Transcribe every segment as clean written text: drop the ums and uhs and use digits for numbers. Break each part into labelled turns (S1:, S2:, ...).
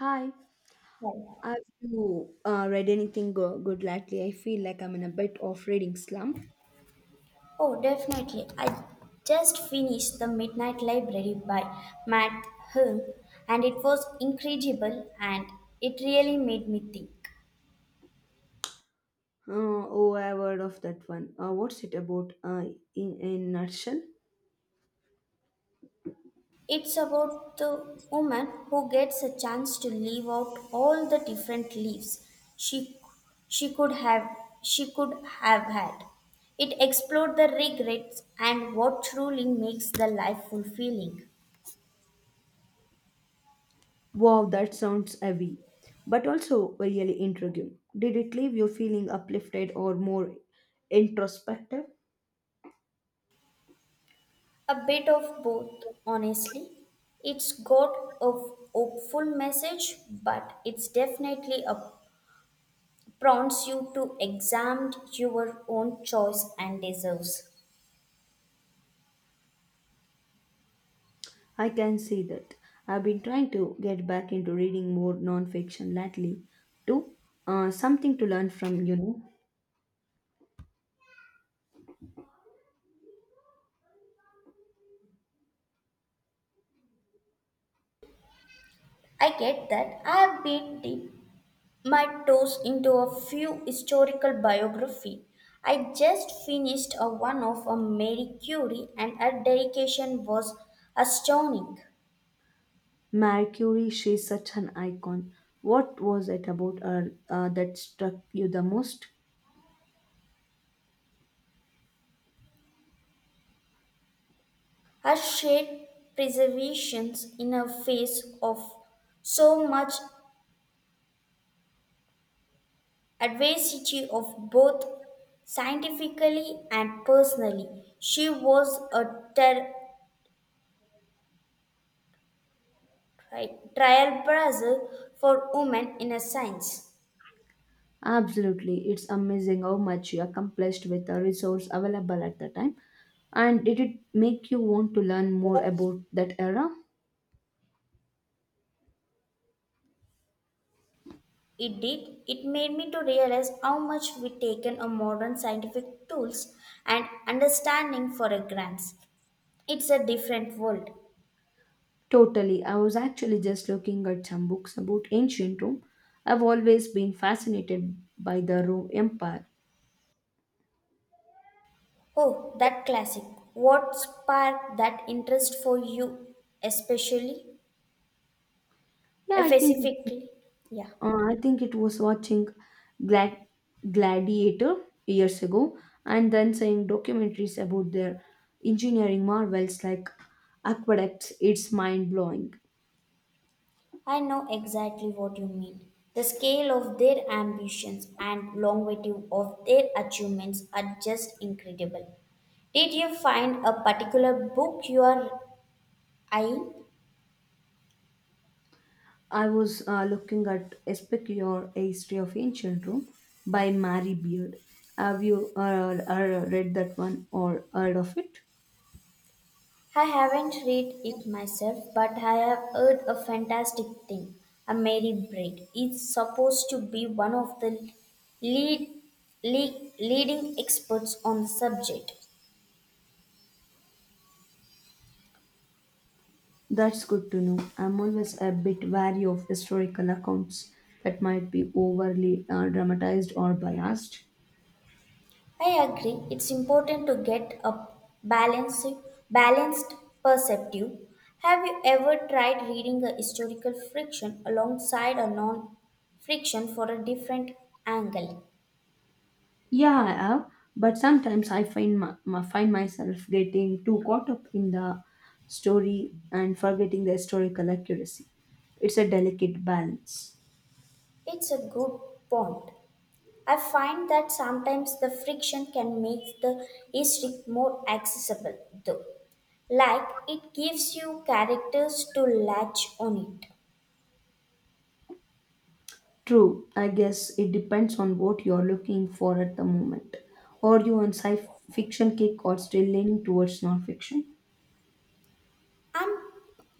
S1: Hi,
S2: Right.
S1: have you read anything good lately? I feel like I'm in a bit of reading slump.
S2: Oh, definitely. I just finished The Midnight Library by Matt Hume, and it was incredible and it really made me think.
S1: Uh, oh, I've heard of that one. What's it about in a nutshell?
S2: It's about the woman who gets a chance to live out all the different lives she she could have she could have had. It explored the regrets and what truly makes the life fulfilling.
S1: Wow, that sounds heavy, but also really intriguing. Did it leave you feeling uplifted or more introspective?
S2: A bit of both, honestly. It's got a hopeful message, but it's definitely a prompts you to examine your own choice and deserves.
S1: I can see that. I've been trying to get back into reading more non-fiction lately, too. Something to learn from,
S2: I get that. I have been deep my toes into a few historical biography. I just finished a one of a Mary Curie and her dedication was astounding.
S1: Mercury, she's such an icon. What was it about her that struck you the most?
S2: Her shared preservation in a face of so much adversity of both scientifically and personally. She was a ter- trailblazer for women in a science.
S1: Absolutely, it's amazing how much she accomplished with the resource available at the time. And did it make you want to learn more about that era?
S2: It did. It made me to realize how much we taken a modern scientific tools and understanding for a grants. It's a different world.
S1: Totally. I was actually just looking at some books about ancient Rome. I've always been fascinated by the Rome Empire.
S2: Oh, that classic. What sparked that interest for you, especially?
S1: Yeah, I think.
S2: Specifically? Yeah,
S1: I think it was watching Glad- Gladiator years ago and then seeing documentaries about their engineering marvels like aqueducts. It's mind blowing.
S2: I know exactly what you mean. The scale of their ambitions and longevity of their achievements are just incredible. Did you find a particular book you are eyeing?
S1: I was looking at Especure, A History of Ancient Rome by Mary Beard. Have you read that one or heard of it?
S2: I haven't read it myself, but I have heard a fantastic thing. A Mary Braid is supposed to be one of the lead, leading experts on the subject.
S1: That's good to know. I'm always a bit wary of historical accounts that might be overly dramatized or biased.
S2: I agree, it's important to get a balanced, balanced perspective. Have you ever tried reading a historical fiction alongside a non fiction for a different angle?
S1: Yeah, I have, but sometimes I find find myself getting too caught up in the story and forgetting the historical accuracy. It's a delicate balance.
S2: It's a good point. I find that sometimes the friction can make the history more accessible, though. Like it gives you characters to latch on it.
S1: True, I guess it depends on what you're looking for at the moment. Are you on sci fiction kick or still leaning towards non fiction?
S2: I'm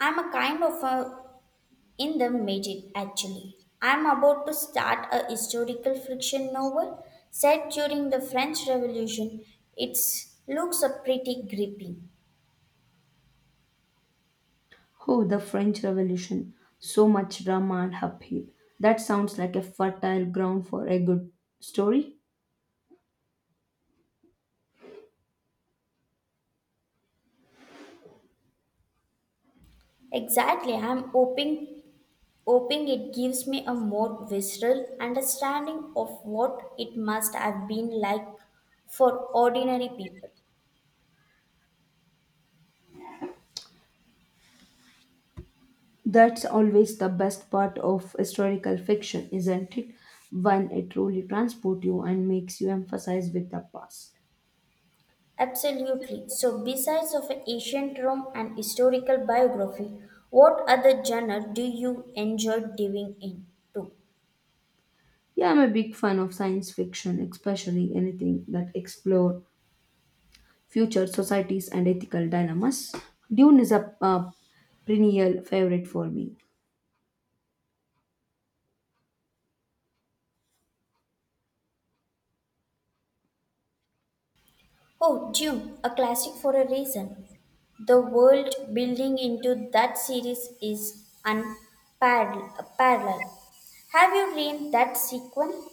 S2: I'm a kind of a in the midget actually. I'm about to start a historical fiction novel set during the French Revolution. It looks a pretty gripping.
S1: Oh, the French Revolution. So much drama and upheaval. That sounds like a fertile ground for a good story.
S2: Exactly, I'm hoping Opening it gives me a more visceral understanding of what it must have been like for ordinary people.
S1: That's always the best part of historical fiction, isn't it? When it truly transports you and makes you emphasize with the past.
S2: Absolutely. So, besides of ancient Rome and historical biography, what other genre do you enjoy diving into?
S1: Yeah, I'm a big fan of science fiction, especially anything that explore future societies and ethical dilemmas. Dune is a perennial favorite for me.
S2: Oh, Dune, a classic for a reason. The world building into that series is unparalleled. Have you read that sequel?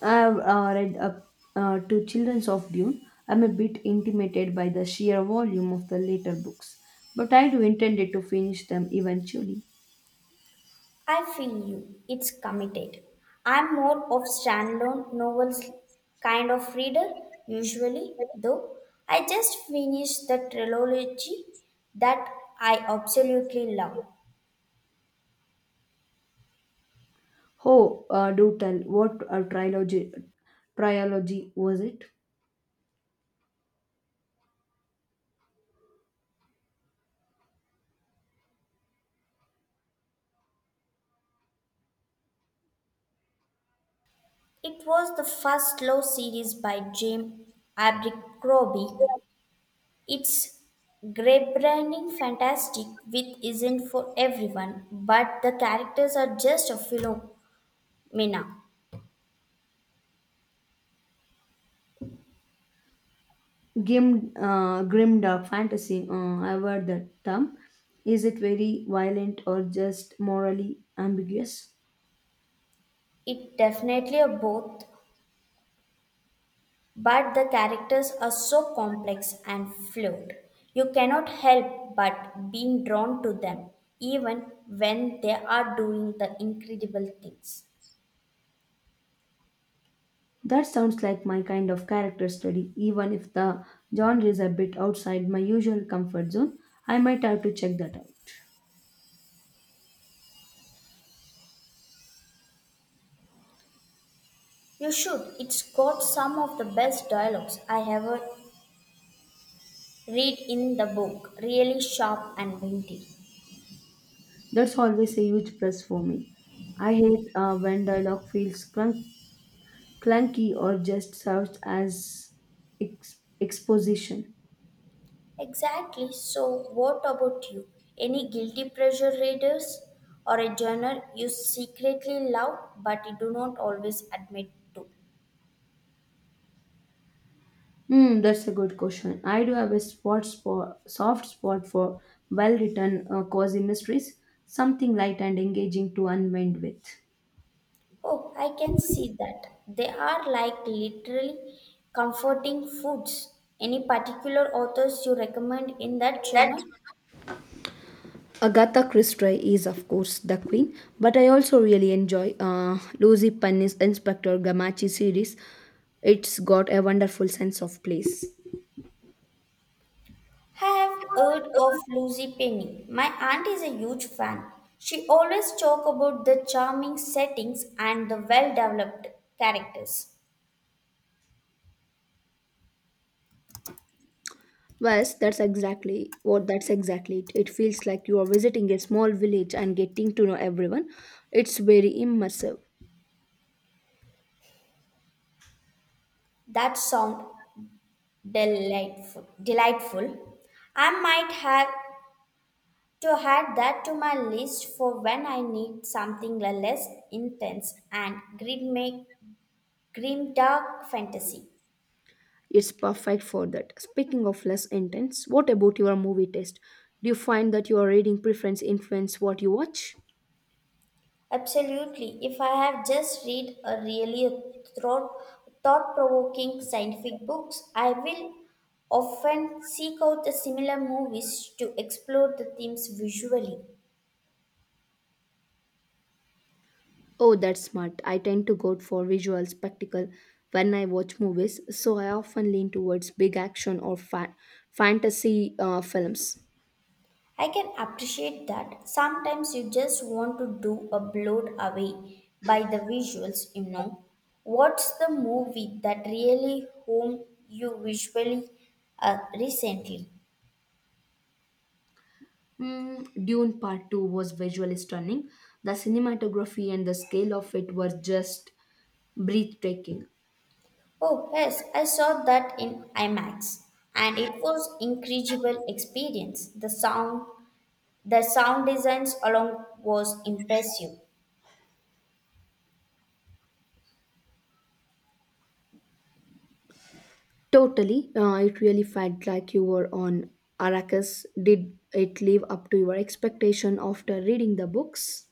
S1: I've read up to Children's of Dune. I'm a bit intimidated by the sheer volume of the later books, but I do intend to finish them eventually.
S2: I feel you. It's committed. I'm more of standalone novels kind of reader usually, though. I just finished the trilogy that I absolutely love.
S1: Oh, do tell. What a trilogy was it?
S2: It was the first slow series by James Abercrombie. It's grape-grinding fantastic With isn't for everyone, but the characters are just a phenomena.
S1: Grim, grim dark fantasy. I've heard that term. Is it very violent or just morally ambiguous?
S2: It definitely a both But the characters are so complex and fluid, you cannot help but being drawn to them, even when they are doing the incredible things.
S1: That sounds like my kind of character study. Even if the genre is a bit outside my usual comfort zone, I might have to check that out.
S2: You should. It's got some of the best dialogues I ever read in the book, really sharp and witty.
S1: That's always a huge plus for me. I hate when dialogue feels clunky or just serves as exposition?
S2: Exactly. So, what about you? Any guilty pleasure readers or a journal you secretly love but you do not always admit to?
S1: Hmm, that's a good question. I do have a spot, soft spot for well written cozy mysteries, something light and engaging to unwind with.
S2: Oh, I can see that. They are like literally comforting foods. Any particular authors you recommend in that genre?
S1: Agatha Christie is, of course, the queen, but I also really enjoy Lucy Penny's Inspector Gamachi series. It's got a wonderful sense of place.
S2: I have heard of Lucy Penny. My aunt is a huge fan. She always talk about the charming settings and the well-developed characters.
S1: Yes, that's exactly it. It feels like you are visiting a small village and getting to know everyone. It's very immersive.
S2: That sound delightful. I might have to add that to my list for when I need something less intense and grim dark fantasy.
S1: It's perfect for that. Speaking of less intense, what about your movie taste? Do you find that your reading preference influence what you watch?
S2: Absolutely, if I have just read a really thought provoking scientific books, I will often seek out the similar movies to explore the themes visually.
S1: Oh, that's smart. I tend to go for visual spectacle when I watch movies, so I often lean towards big action or fantasy films.
S2: I can appreciate that. Sometimes you just want to do a blowed away by the visuals. What's the movie that really home you visually recently?
S1: Mm, Dune Part 2 was visually stunning. The cinematography and the scale of it were just breathtaking.
S2: Oh yes, I saw that in IMAX and it was incredible experience. The sound designs along was impressive.
S1: Totally. It really felt like you were on Arrakis. Did it live up to your expectation after reading the books?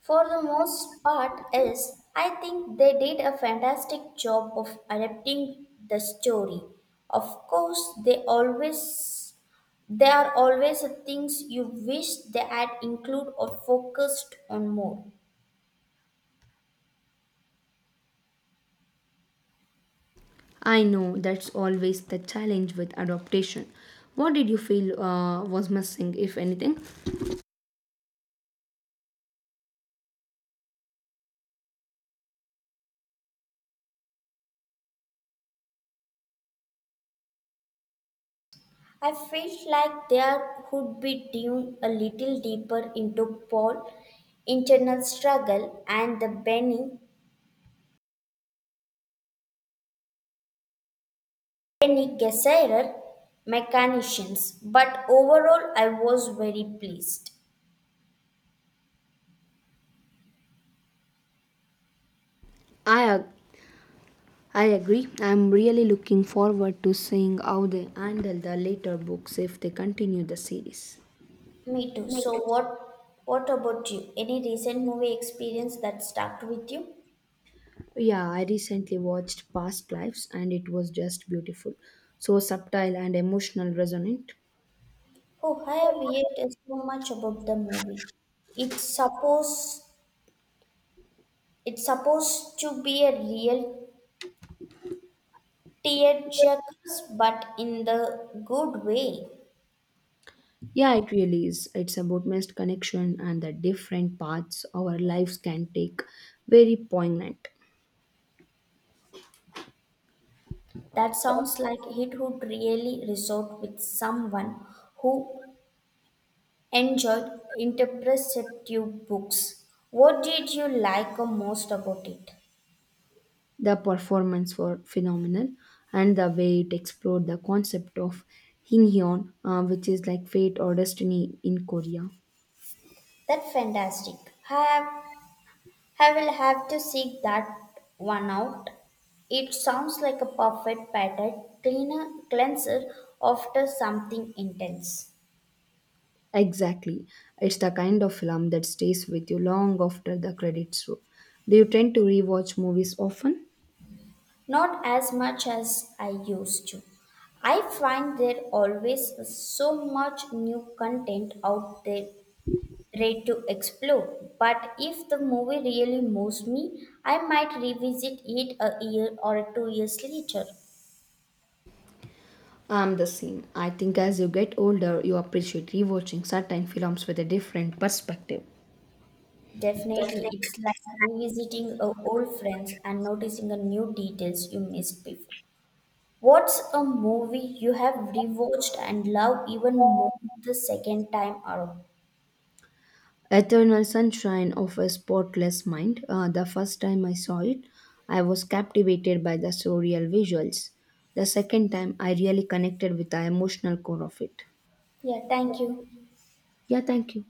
S2: For the most part is I think they did a fantastic job of adapting the story. Of course they always there are always things you wish they had included or focused on more.
S1: I know that's always the challenge with adaptation. What did you feel was missing, if anything?
S2: I felt like there would be dune a little deeper into Paul's internal struggle and the Benny Gesserit mechanicians, but overall I was very pleased.
S1: I ag- I agree. I'm really looking forward to seeing how they handle the later books if they continue the series.
S2: Me too. So what about you? Any recent movie experience that stuck with you?
S1: Yeah, I recently watched Past Lives and it was just beautiful. So subtle and emotional resonant.
S2: Oh, I have heard so much about the movie. It's supposed it's supposed to be a real tearjerker, but in the good way.
S1: Yeah, it really is. It's about missed connection and the different paths our lives can take. Very poignant.
S2: That sounds like it would really resort with someone who enjoyed interpretive books. What did you like most about it?
S1: The performance were phenomenal and the way it explored the concept of Hinhyon, which is like fate or destiny in Korea.
S2: That's fantastic. Have I will have to seek that one out. It sounds like a perfect pattern cleaner cleanser after something intense.
S1: Exactly. It's the kind of film that stays with you long after the credits roll. Do you tend to rewatch movies often?
S2: Not as much as I used to. I find there always so much new content out there ready to explore. But if the movie really moves me, I might revisit it a year or 2 years later.
S1: I'm the same. I think as you get older, you appreciate rewatching certain films with a different perspective.
S2: Definitely, it's like revisiting a old friends and noticing a new details you missed before. What's a movie you have rewatched and love even more the second time around?
S1: Eternal Sunshine of a Spotless Mind. The first time I saw it, I was captivated by the surreal visuals. The second time, I really connected with the emotional core of it.
S2: Yeah, thank you.
S1: Yeah, thank you.